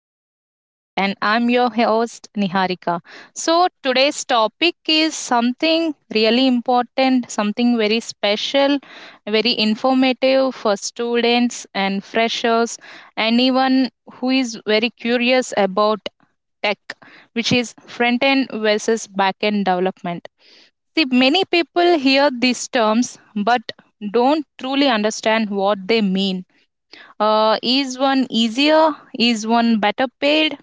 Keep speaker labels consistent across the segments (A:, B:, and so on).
A: the podcast, and I'm your host Niharika. So, today's topic is something really important, something very special, very informative for students and freshers, anyone who is very curious about tech, which is front end versus back end development. See, many people hear these terms but don't truly understand what they mean. Is one easier? Is one better paid?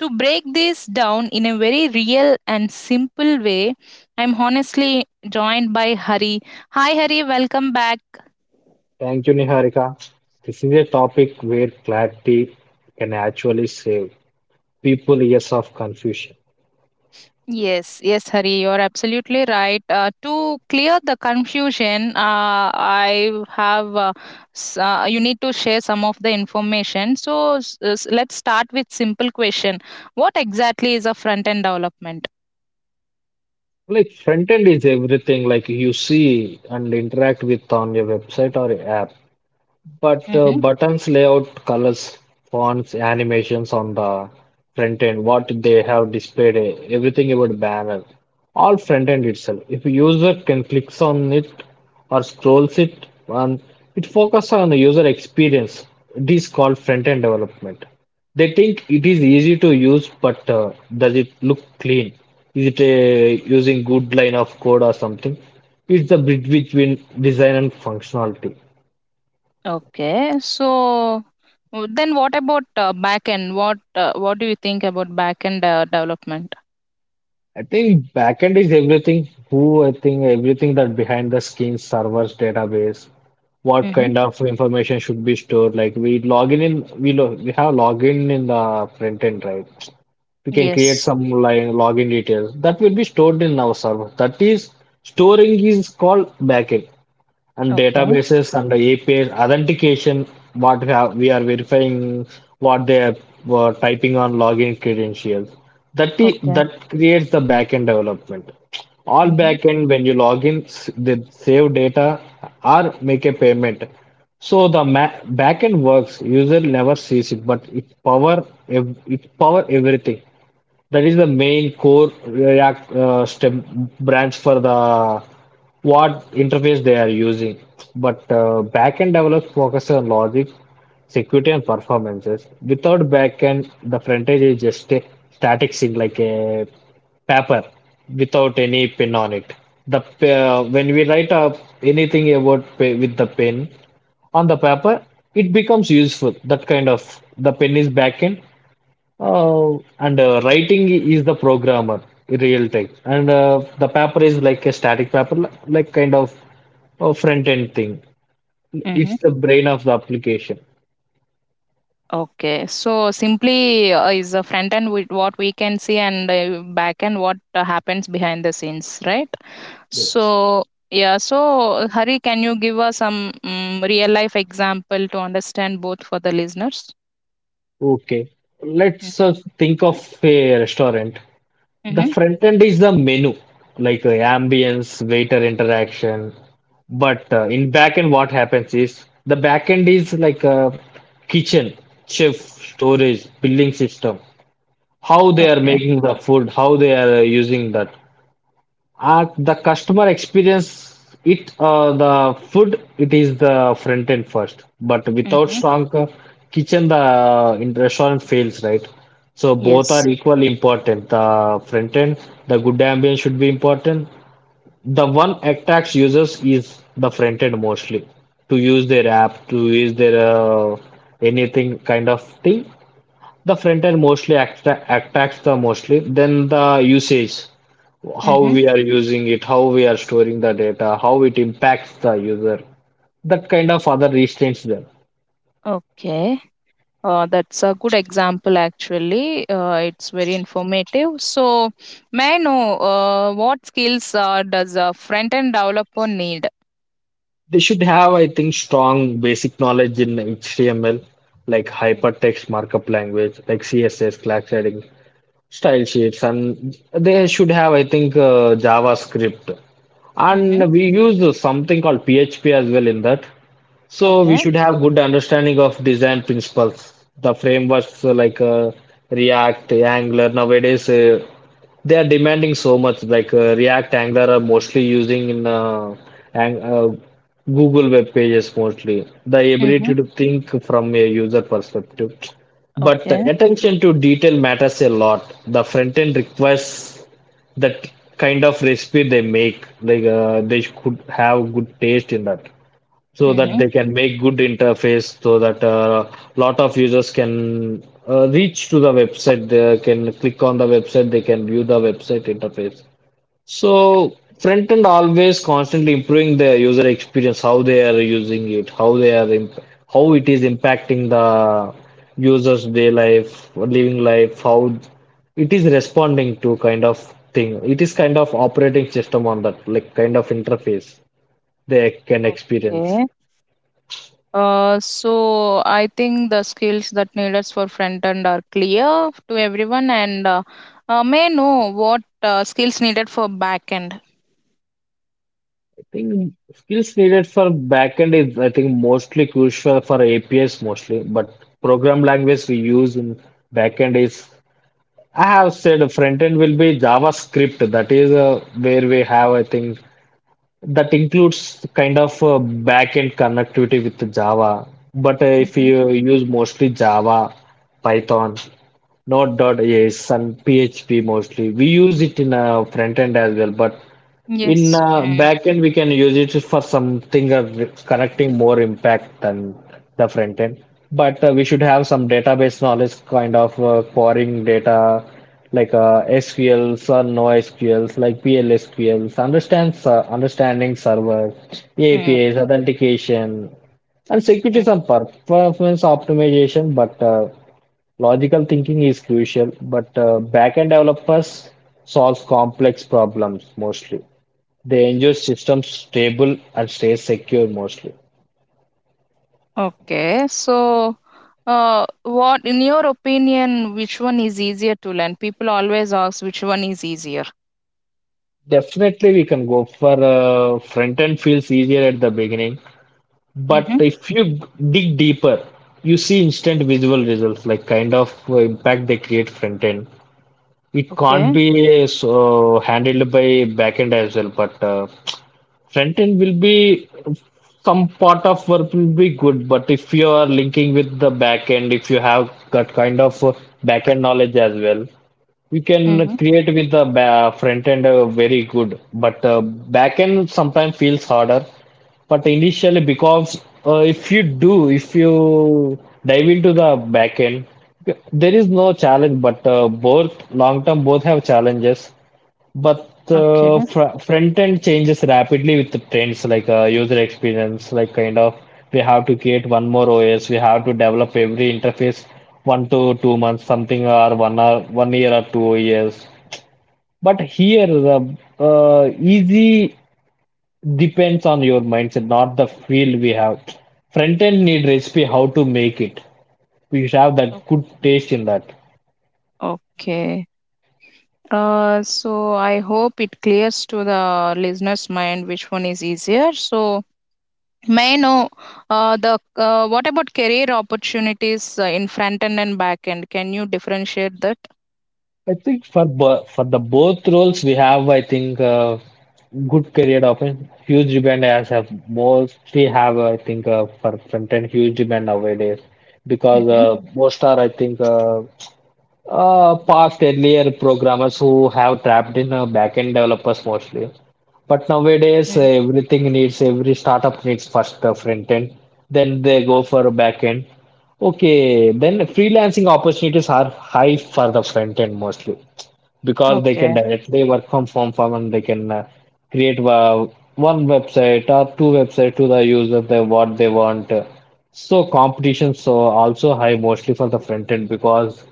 A: To break this down in a very real and simple way, I'm honestly joined by Hari. Hi, Hari, welcome back.
B: Thank you, Niharika. This is a topic where clarity can actually save people years of confusion.
A: Yes, yes, Hari, you're absolutely right. To clear the confusion, I have, you need to share some of the information. So let's start with simple question. What exactly is a front end development?
B: Like front end is everything like you see and interact with on your website or app. But buttons lay out colors, fonts, animations on the front end, what they have displayed, everything about banner, all front end itself. If a user can clicks on it or scrolls it, and it focuses on the user experience. It is called front end development. They think it is easy to use, but does it look clean? Is it using good line of code or something? It's the bridge between design and functionality.
A: Okay. So then what about back end? What do you think about back end development?
B: I think backend is everything. Who I think everything that behind the scenes, servers, database, what
A: Mm-hmm.
B: kind of information should be stored. Like we log in we lo we have login in the front end, right? We can create
A: Yes.
B: some line login details that will be stored in our server. That is storing is called backend and
A: Okay.
B: databases and the API authentication, what we, have, we are verifying what they are were typing on login credentials. That, i-
A: Okay.
B: that creates the backend development. All
A: Mm-hmm.
B: backend, when you log in, they save data or make a payment. So the ma- Backend works. User never sees it, but it power everything. That is the main core React stem branch for the what interface they are using. But backend develops focus on logic, security, and performances. Without backend, the front end is just a static thing like a paper without any pin on it. When we write up anything with the pen on the paper, it becomes useful. That kind of the pen is backend and writing is the programmer in real time, and the paper is like a static paper, like kind of a front end thing.
A: Mm-hmm.
B: It's the brain of the application.
A: Okay. So simply is a front end with what we can see and back end what happens behind the scenes, right?
B: Yes.
A: So yeah. So Hari, can you give us some real life example to understand both for the listeners?
B: Okay. Let's think of a restaurant. The
A: Mm-hmm.
B: front end is the menu, like ambience, waiter interaction. But in back end, what happens is the back end is like a kitchen, chef, storage, billing system. How they are
A: Okay.
B: making the food, how they are using that. At the customer experience, it the food it is the front end first, but without
A: Mm-hmm.
B: strong kitchen, the in restaurant fails, right? So both
A: Yes.
B: are equally important. The front end, the good ambience should be important. The one attacks users is the front end mostly to use their app, to use their anything kind of thing. The front end mostly act attacks the mostly, then the usage, how we are using it, how we are storing the data, how it impacts the user. That kind of other restraints there.
A: Okay. That's a good example, actually. It's very informative. So, may I know what skills does a front end developer need?
B: They should have, I think, strong basic knowledge in HTML, like hypertext markup language, like CSS, class heading, style sheets, and they should have, I think, JavaScript.
A: Mm-hmm.
B: And we use something called PHP as well in that. So we
A: Okay.
B: should have good understanding of design principles. The frameworks like React, Angular nowadays, they are demanding so much. Like React, Angular are mostly using in ang Google web pages mostly. The
A: Mm-hmm.
B: ability to think from a user perspective. But the
A: Okay.
B: attention to detail matters a lot. The front end requires that kind of recipe they make. Like, they could have good taste in that so that
A: Mm-hmm.
B: they can make good interface so that a lot of users can reach to the website, they can click on the website, they can view the website interface. So front end always constantly improving the user experience, how they are using it, how they are how it is impacting the users day life living life, how it is responding to kind of thing, it is kind of operating system on that, like kind of interface they can experience.
A: Okay. I think the skills that needed for front end are clear to everyone. And may I know what skills needed for back end?
B: Think skills needed for backend is, I think, mostly crucial for APIs mostly, but program language we use in backend is, I have said front end will be JavaScript. That is where we have, I think, that includes kind of backend connectivity with Java. But if
A: Mm-hmm.
B: you use mostly Java, Python, Node.js and PHP mostly. We use it in front end as well, but in
A: Yes.
B: backend, we can use it for something connecting more impact than the front end. But we should have some database knowledge, kind of querying data like SQLs or NoSQLs, like PLSQLs, understands understanding servers,
A: Mm-hmm.
B: APIs, authentication, and security, some performance optimization. But logical thinking is crucial. But backend developers solves complex problems mostly. They ensure systems stable and stay secure mostly.
A: Okay, so what, in your opinion, which one is easier to learn? People always ask which one is easier.
B: Definitely, we can go for front end feels easier at the beginning, but
A: Mm-hmm.
B: if you dig deeper, you see instant visual results, like kind of impact they create front end. It can't
A: Okay,
B: be so handled by back end as well, but front end will be some part of work will be good, but if you are linking with the back end, if you have that kind of back end knowledge as well, you can
A: Mm-hmm.
B: create with the front end very good, but back end sometimes feels harder. But initially, because if you dive into the back end, there is no challenge. But both long term, both have challenges. But
A: okay,
B: fr front end changes rapidly with the trends, like user experience, like kind of we have to create one more OS, we have to develop every interface 1 to 2 months, something or one year or 2 years. But here the easy depends on your mindset, not the field we have. Front end need recipe how to make it. We should have
A: O-
B: that good taste in that.
A: okay. So I hope it clears to the listeners' mind which one is easier. So may I know the what about career opportunities in front end and back end? Can you differentiate that?
B: I think for bo For the both roles we have, I think good career options. Huge demand as have mostly have I think for front end huge demand nowadays because
A: Mm-hmm.
B: most are I think past earlier programmers who have trapped in back end developers mostly. But nowadays, every startup needs first front end, then they go for back end. Okay, then freelancing opportunities are high for the front end mostly because they can
A: Okay,
B: directly work from farm and they can create one website or two website to the user they what they want. So competitions so also high mostly for the front end because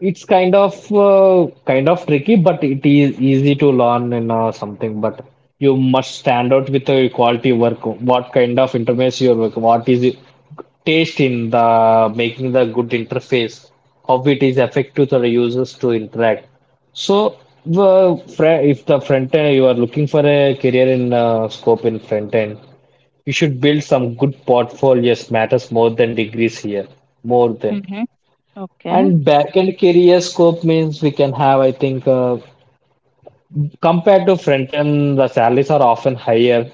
B: it's kind of tricky, but it is easy to learn and something. But you must stand out with your quality work. What kind of interface your work? What is it? Taste in the making the good interface? How it is effective to the users to interact? So, if the front end you are looking for a career in scope in front end, you should build some good portfolios. Matters more than degrees here, more than.
A: Mm-hmm. okay.
B: And backend career scope means we can have, I think, compared to front end, the salaries are often higher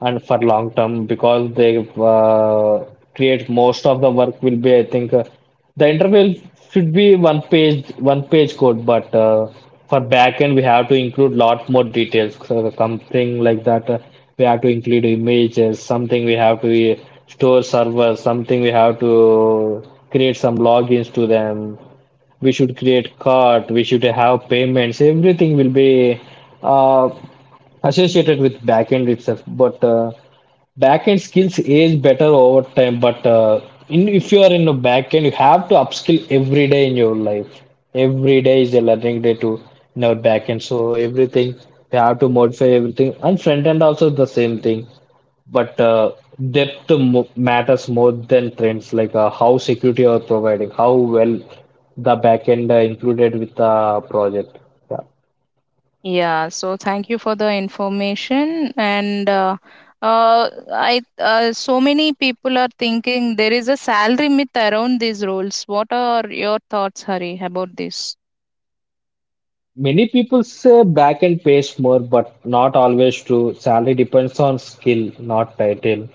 B: and for long term because they create most of the work will be, I think, the interval should be one page code, but for backend we have to include lot more details. So something like that, we have to include images, something we have to store servers, something we have to create some logins to them, we should create cart, we should have payments, everything will be uh, associated with backend itself, but backend skills is better over time, but in, if you are in a backend you have to upskill every day in your life, every day is a learning day to in our backend, so everything you have to modify everything, and front end also the same thing, but depth mo matters more than trends, like how security are providing, how well the backend included with the project. Yeah.
A: Yeah, so thank you for the information. And I so many people are thinking there is a salary myth around these roles. What are your thoughts, Hari, about this?
B: Many people say backend pays more, but not always true. Salary depends on skill, not title.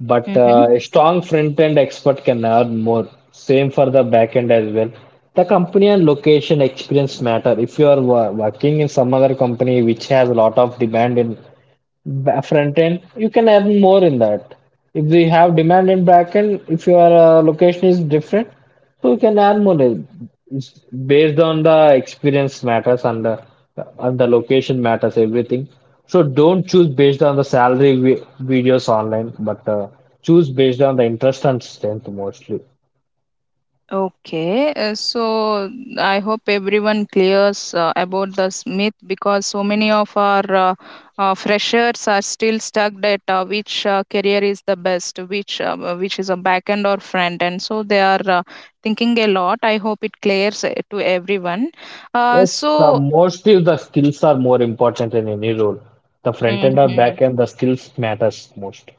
B: But
A: Mm-hmm.
B: uh, a strong front-end expert can earn more. Same for the backend as well. The company and location experience matter. If you are working in some other company which has a lot of demand in front end, you can earn more in that. If we have demand in back end, if your location is different, so you can earn more. It's based on the experience matters and the location matters everything. So don't choose based on the salary vi videos online, but choose based on the interest and strength mostly.
A: Okay, so I hope everyone clears about this myth because so many of our freshers are still stuck at which career is the best, which is a back end or front end. So they are thinking a lot. I hope it clears to everyone. Uh,
B: Yes, the
A: so.
B: mostly the skills are more important in any role. The front end or
A: Mhm.
B: back end, the skills matters most.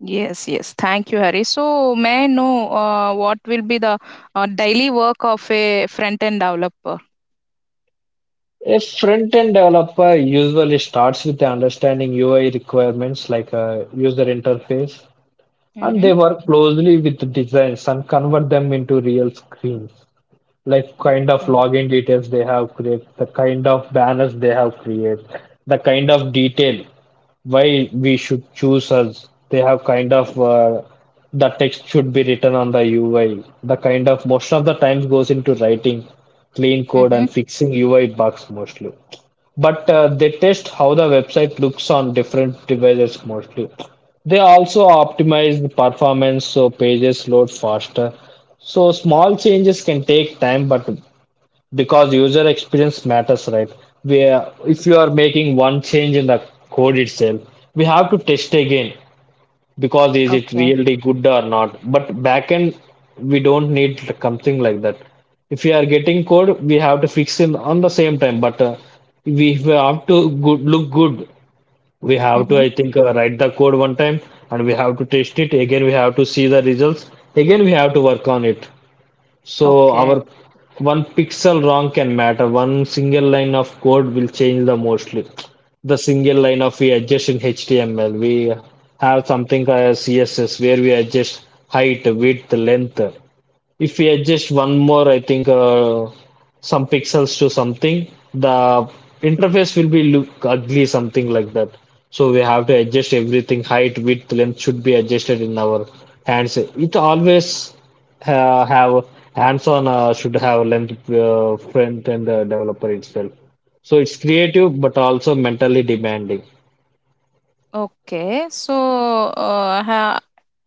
A: Yes, yes. Thank you, Hari. So, may I know what will be the daily work of a front end developer?
B: A front-end developer usually starts with understanding UI requirements like a user interface, and
A: Mm-hmm.
B: they work closely with the designs and convert them into real screens, like kind of
A: Okay.
B: login details they have created, the kind of banners they have created, the kind of detail why we should choose us. They have kind of the text should be written on the UI. The kind of most of the times goes into writing clean code
A: Mm-hmm.
B: and fixing UI bugs mostly but they test how the website looks on different devices mostly. They also optimize the performance so pages load faster. So small changes can take time, but because user experience matters, right? Where if you are making one change in the code itself, we have to test again because is it
A: Okay.
B: really good or not? But backend, we don't need something like that. If we are getting code, we have to fix it on the same time. But we have to good, look good. We have to,
A: Mm-hmm.
B: I think, write the code one time, and we have to test it. Again, we have to see the results. Again, we have to work on it. So
A: Okay.
B: our one pixel wrong can matter. One single line of code will change the mostly. The single line of we adjust in HTML. We have something as CSS where we adjust height, width, length. If we adjust one more, I think some pixels to something, the interface will be look ugly, something like that. So we have to adjust everything. Height, width, length should be adjusted in our hands. It always have hands-on should have length front and developer itself. So it's creative but also mentally demanding.
A: Okay. So, uh, ha,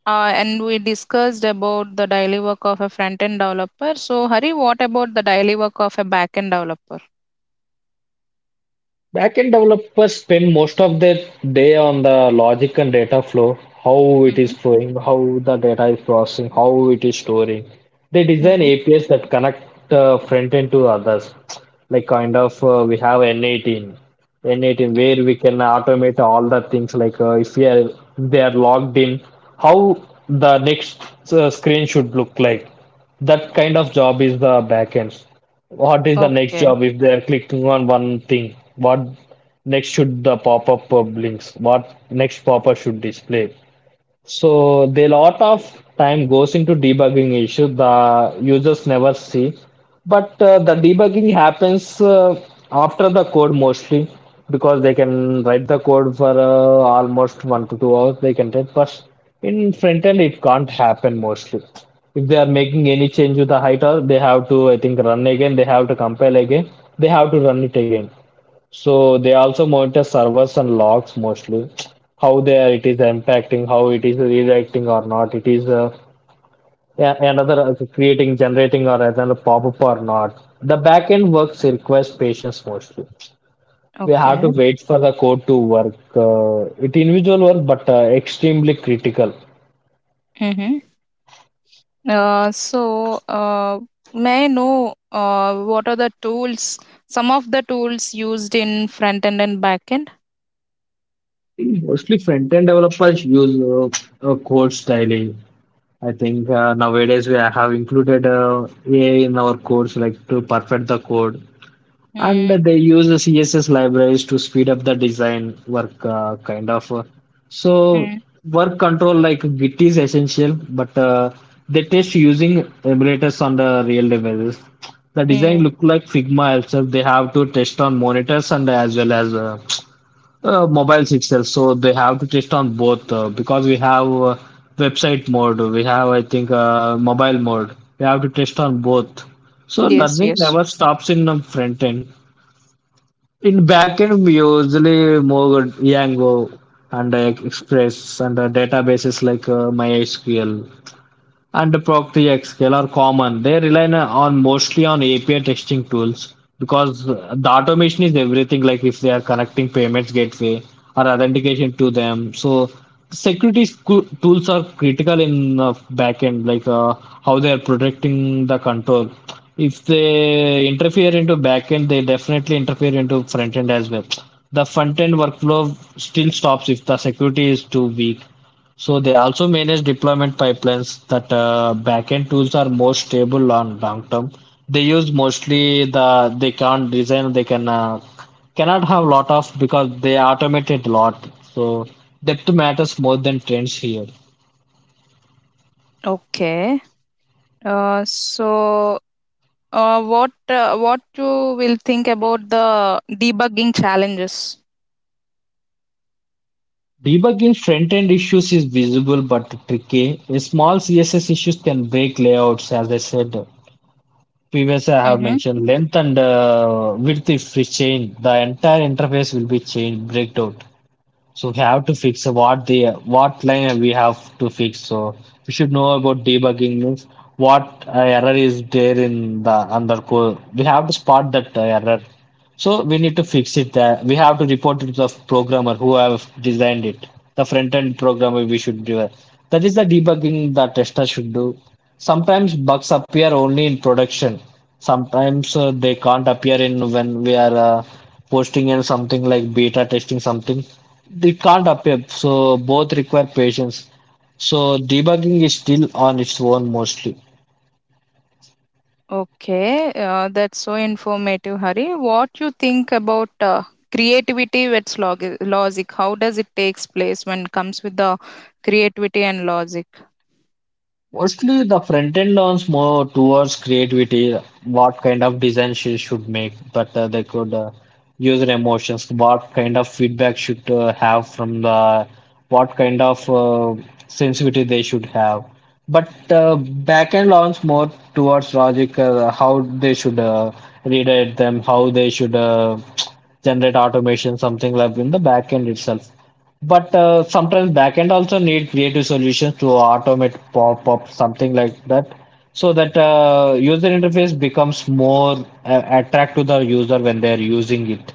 A: and we discussed about the daily work of a front end developer. So, Hari, what about the daily work of a back end developer?
B: Backend developers spend most of their day on the logic and data flow, how it
A: Mm-hmm.
B: is flowing, how the data is processing, how it is storing. They design
A: Mm-hmm.
B: APIs that connect front end to others. Like kind of we have N18 where we can automate all the things like if we are, they are logged in, how the next screen should look like. That kind of job is the backend. What is the next
A: Okay.
B: job if they are clicking on one thing? What next should the pop-up blinks? What next pop-up should display? So the lot of time goes into debugging issue the users never see, but the debugging happens after the code mostly because they can write the code for almost 1 to 2 hours. They can write, but in front end it can't happen mostly. If they are making any change with the height, or they have to I think run again. They have to compile again. They have to run it again. So they also monitor servers and logs mostly, how they are, it is impacting, how it is redirecting or not, it is another creating, generating or another pop-up or not. The backend works requires patience mostly. We have to
A: Okay.
B: wait for the code to work. It individual work, but extremely critical.
A: Mm-hmm. Uh, so, uh, may I know what are the tools, some of the tools used in front end and back end?
B: Mostly front-end developers use codes daily. I think nowadays we have included AI in our codes like to perfect the code. And
A: Mm-hmm.
B: they use the CSS libraries to speed up the design work, kind of. So work control like Git is essential, but they test using emulators on the real devices. The design look like Figma itself. They have to test on monitors and as well as mobiles itself. So they have to test on both because we have website mode, we have I think mobile mode. We have to test on both. So
A: Yes,
B: nothing
A: yes.
B: never stops in the front end. In backend, we usually move Django and Express and databases like MySQL and ProctxScale are common. They rely on mostly on API testing tools because the automation is everything. Like if they are connecting payments gateway or authentication to them, so security tools are critical in the backend, like how they are protecting the control. If they interfere into backend, they definitely interfere into front end as well. The front end workflow still stops if the security is too weak, so they also manage deployment pipelines that backend tools are more stable on long term. They use mostly the they can't design they can cannot have lot of because they automate it a lot. So depth matters more than trends here.
A: Okay. Uh, so what you will think about the debugging challenges?
B: Debugging front end issues is visible but tricky. A small CSS issues can break layouts, as I said previously. I have
A: Mm-hmm.
B: mentioned length and width if we change, the entire interface will be changed, breaked out. So we have to fix what the what line we have to fix. So we should know about debugging means what error is there in the under code. We have to spot that error. So we need to fix it there. We have to report it to the programmer who have designed it. The front end programmer we should do. That is the debugging the tester should do. Sometimes bugs appear only in production. Sometimes they can't appear in when we are posting and something like beta testing something. They can't appear. So both require patience. So debugging is still on its own mostly.
A: Okay, that's so informative, Hari. What you think about logic? How does it takes place when it comes with the creativity and logic?
B: Mostly the front end leans more towards creativity, what kind of design she should make, but they could user emotions, what kind of feedback should have from the, what kind of sensitivity they should have. But back end learns more towards logic, how they should redirect them, how they should generate automation, something like in the back end itself. But sometimes backend also need creative solutions to automate pop-up, something like that, so that user interface becomes more attract to the user when they are using it.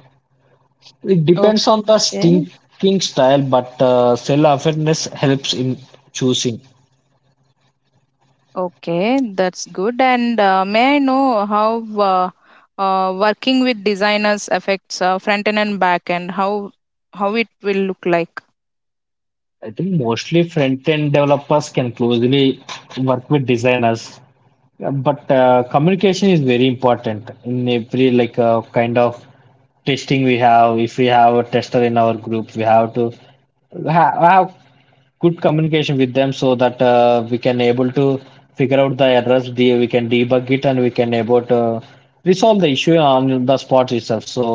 B: It depends on the
A: Okay,
B: thinking style, but self-awareness helps in choosing.
A: okay, that's good. And may I know how working with designers affects front end and back end? How it will look like?
B: I think mostly front-end developers can closely work with designers. Yeah, but communication is very important in every like kind of testing we have. If we have a tester in our group, we have to ha have good communication with them so that we can able to figure out the errors, de we can debug it, and we can able to resolve the issue on the spot itself. So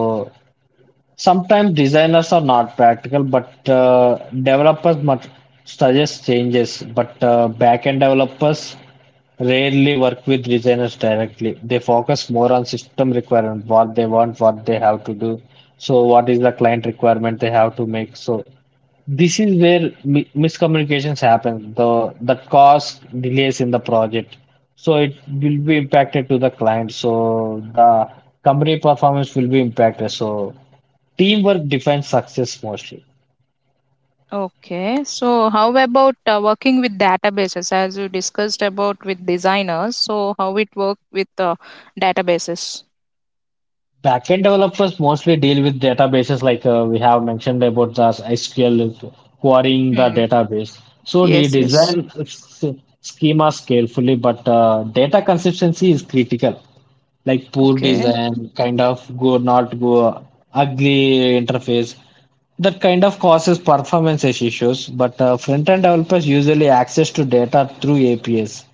B: sometimes designers are not practical, but developers must suggest changes. But backend developers rarely work with designers directly. They focus more on system requirement, what they want, what they have to do. So, what is the client requirement they have to make? So, this is where miscommunications happen. The that cause delays in the project. So it will be impacted to the client. So the company performance will be impacted. So teamwork defines success mostly.
A: Okay, so how about working with databases as you discussed about with designers? So how it work with databases?
B: Backend developers mostly deal with databases like we have mentioned about the SQL querying the
A: Hmm.
B: database. So they
A: Yes, yes.
B: design schemas carefully, but data consistency is critical. Like poor
A: Okay.
B: design, kind of go not go ugly interface, that kind of causes performance issues. But front-end developers usually access to data through APIs.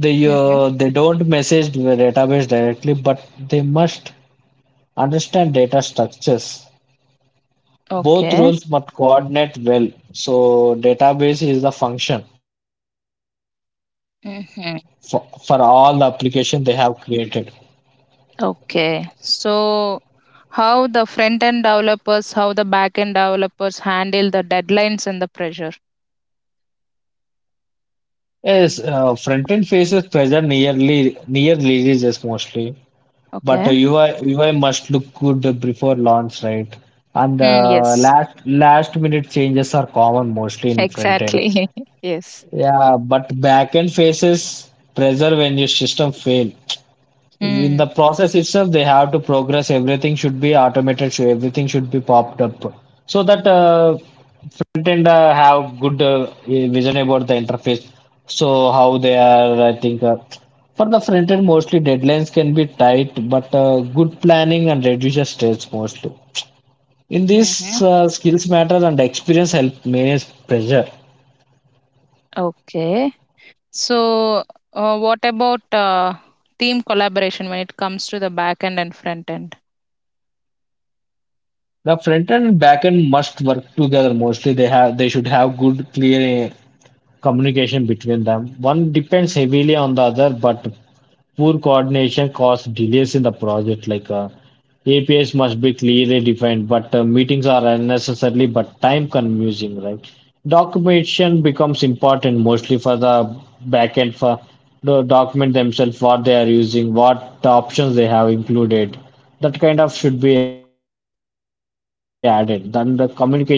B: They
A: Mm-hmm.
B: they don't message the database directly, but they must understand data structures. Both
A: Okay.
B: roles must coordinate well. So database is the function for all the
A: Mm-hmm.
B: application they have created.
A: Okay. So how the front end developers, how the back end developers handle the deadlines and the pressure?
B: Yes, front end faces pressure nearly near releases mostly, but
A: Okay.
B: UI must look good before launch, right? And
A: Hmm.
B: uh,
A: Yes.
B: last last minute changes are common mostly in front end.
A: Exactly. yes.
B: Yeah, but backend faces pressure when your system fail. In the
A: Hmm.
B: process itself, they have to progress. Everything should be automated. So everything should be popped up so that front end have good vision about the interface. So how they are, I think. For the front end, mostly deadlines can be tight, but good planning and reduces stress mostly. In
A: Mm-hmm.
B: this, skills matter and experience help manage pressure.
A: Okay. So, what about team collaboration when it comes to the back end and front end?
B: The front end and back end must work together mostly. They have they should have good clear communication between them. One depends heavily on the other, but poor coordination caused delays in the project. Like APIs must be clearly defined, but meetings are unnecessarily but time consuming, right? Documentation becomes important mostly for the backend for the document themselves, what they are using, what the options they have included. That kind of should be added. Then the communication respect their job mostly.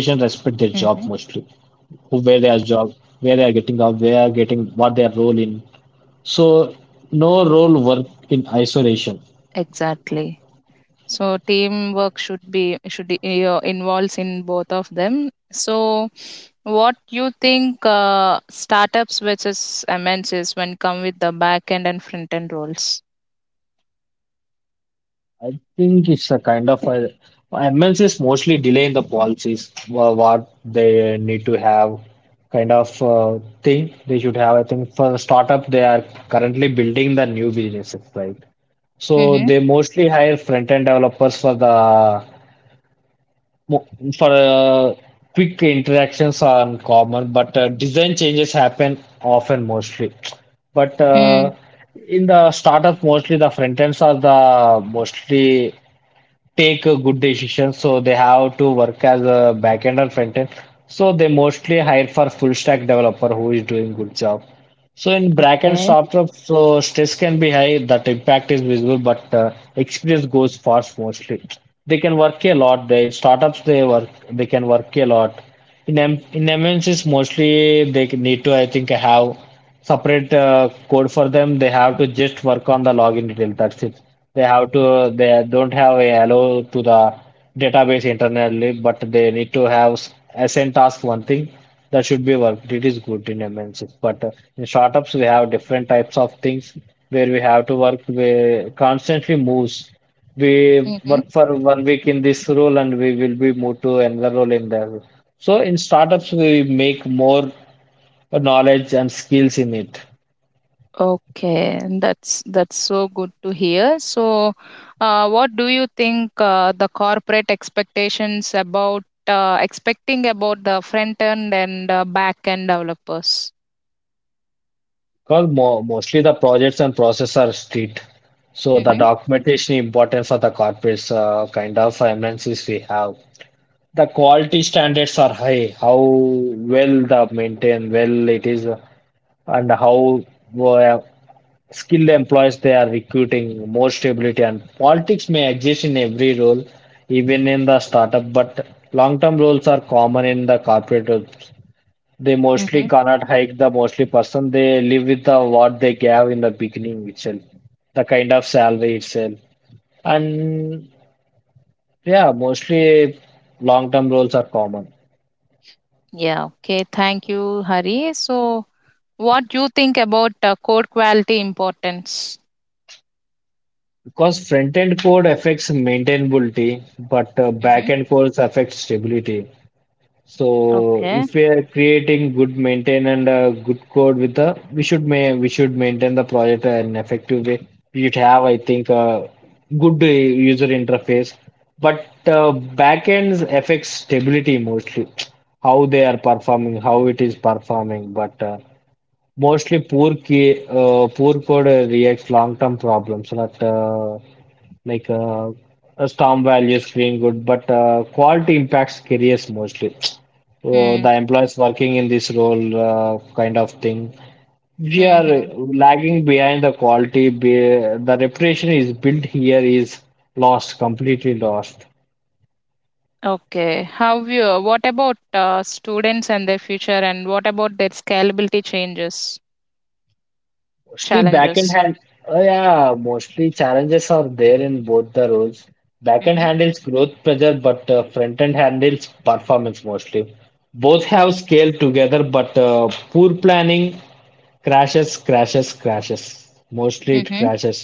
B: Who
A: Hmm.
B: where they are job, where they are getting the where they are getting what their role in so no role work in isolation.
A: Exactly. So, teamwork should involves in both of them. So, what you think startups versus MNCs when come with the back end and front end roles?
B: I think it's a kind of a MNCs mostly delaying the policies what they need to have kind of thing they should have. I think for startup they are currently building the new businesses, right? So
A: Mm-hmm.
B: they mostly hire front-end developers for the mo- for quick interactions are uncommon, but design changes happen often mostly. But
A: Mm.
B: in the startup, mostly the front ends are the mostly take a good decision. So they have to work as a back end or front end. So they mostly hire for full stack developer who is doing good job. So in backend
A: Okay.
B: startup, so stress can be high. That impact is visible, but experience goes fast mostly. They can work a lot. They, in startups, they work. They can work a lot. In MNCs, mostly they need to, I think, have separate code for them. They have to just work on the login detail. That's it. They have to. They don't have a allow to the database internally, but they need to have assign task one thing that should be worked. It is good in MNCs, but in startups we have different types of things where we have to work. We constantly moves. We work for one week in this role and we will be moved to another role in that. So in startups we make more knowledge and skills in it.
A: Okay, that's so good to hear. So, what do you think the corporate expectations about expecting about the front end and back end developers?
B: Because mo mostly the projects and process are street. So the
A: Hmm.
B: documentation important for the corporates kind of finances we have. The quality standards are high. How well the maintain, well it is, and how uh, skilled employees they are recruiting. More stability and politics may exist in every role, even in the startup. But long-term roles are common in the corporate. Roles. They
A: Hmm.
B: mostly cannot hike the mostly person. They live with the what they gave in the beginning itself, the kind of salary itself. And yeah, mostly long-term roles are common.
A: Yeah. Okay. Thank you, Hari. So, what do you think about code quality importance?
B: Because front-end code affects maintainability, but
A: Hmm.
B: back-end codes affect stability. So
A: Okay.
B: if we are creating good maintain and good code with the we should maintain the project in effective way. We should have I think a good user interface, but uh, backends affects stability mostly, how they are performing, how it is performing, but mostly poor code reacts long-term problems that like a storm value screen good, but quality impacts careers mostly. The employees working in this role kind of thing. We are
A: Mm-hmm.
B: lagging behind the quality. The reputation is built here is lost, completely lost.
A: Okay. How you? What about students and their future, and what about their scalability changes?
B: Mostly backhand
A: Challenges.
B: hand. Oh yeah, mostly challenges are there in both the roles. Backhand
A: Mhm.
B: handles growth pressure, but front end handles performance mostly. Both
A: Ok
B: have scale together, but poor planning crashes. Mostly it
A: Mhm.
B: crashes.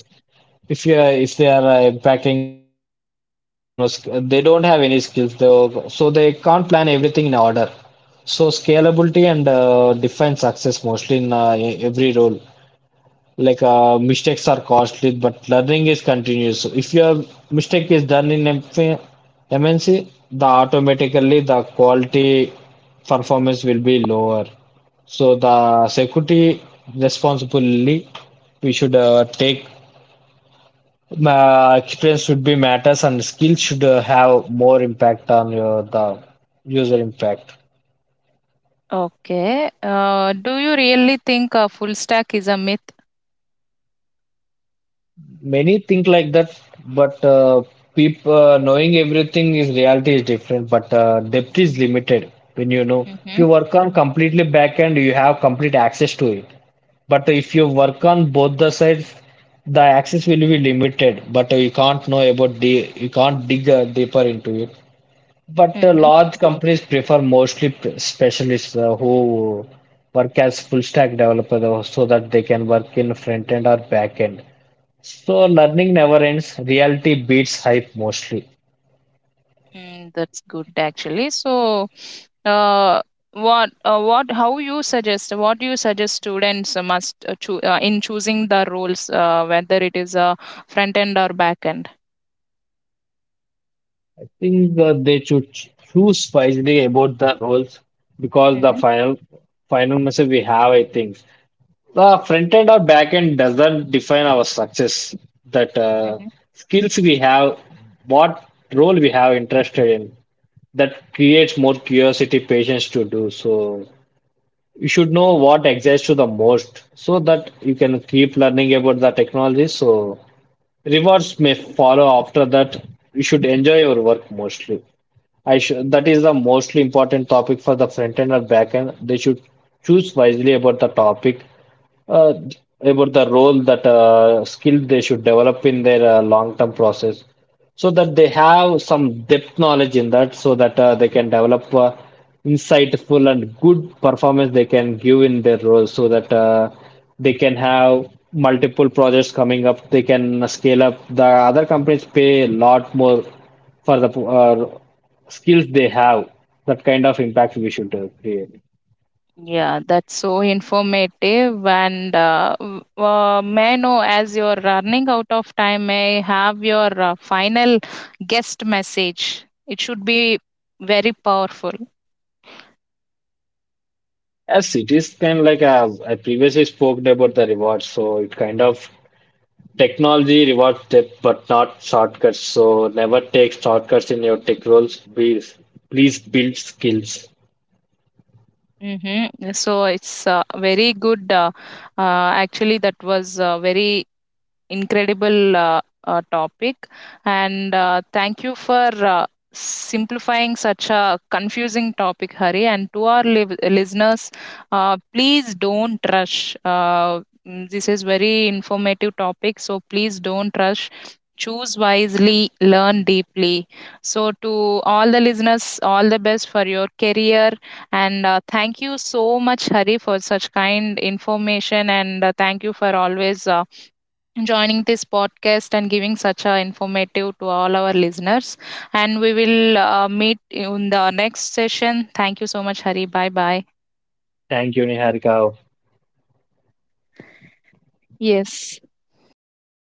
B: If they are impacting on no they don't have any skills though, so they can't plan everything in order. So scalability and define success mostly in every role like mistakes are costly but learning is continuous, so if your mistake is done in MP mnc the automatically the quality performance will be lower, so the security responsibility we should take experience should be matters and skills should have more impact on your the user impact.
A: okay. Do you really think full stack is a myth?
B: Many think like that, but people knowing everything is reality is different, but depth is limited when you know. If
A: Mhm.
B: you work on completely back end, you have complete access to it. But if you work on both the sides, the access will be limited. But you can't know about the you can't dig deeper into it. But
A: Mhm.
B: large companies prefer mostly specialists who work as full stack developer so that they can work in front end or back end. So learning never ends. Reality beats hype mostly.
A: Mm, that's good actually. So, uh, what, how you suggest? What do you suggest students must in choosing the roles, whether it is front end or back end?
B: I think they should choose wisely about the roles because the
A: Mhm.
B: final final message we have, I think, the front end or back end doesn't define our success. That
A: Mhm.
B: Skills we have, what role we have interested in, that creates more curiosity, patience to do. So you should know what excites you the most, so that you can keep learning about the technology. So rewards may follow after that. You should enjoy your work mostly. I should, that is the mostly important topic for the front end or back end. They should choose wisely about the topic uh, about the role that skill they should develop in their long-term process so that they have some depth knowledge in that, so that they can develop insightful and good performance they can give in their role, so that they can have multiple projects coming up, they can scale up, the other companies pay a lot more for the skills they have, that kind of impact we should create.
A: Yeah, that's so informative. And may I know, as you're running out of time, may I have your final guest message? It should be very powerful.
B: As cities can like I previously spoke about the rewards, so it kind of technology rewards depth but not shortcuts. So never take shortcuts in your tech roles. Please build skills.
A: Mm-hmm. So it's very good. Actually, that was very incredible topic and thank you for simplifying such a confusing topic, Hari, and to our listeners, please don't rush. This is very informative topic, so please don't rush, choose wisely, learn deeply. So to all the listeners, all the best for your career, and thank you so much, Hari, for such kind information, and thank you for always joining this podcast and giving such a informative to all our listeners. And we will meet in the next session. Thank you so much, Hari. Bye bye.
B: Thank you, Niharika.
A: Yes.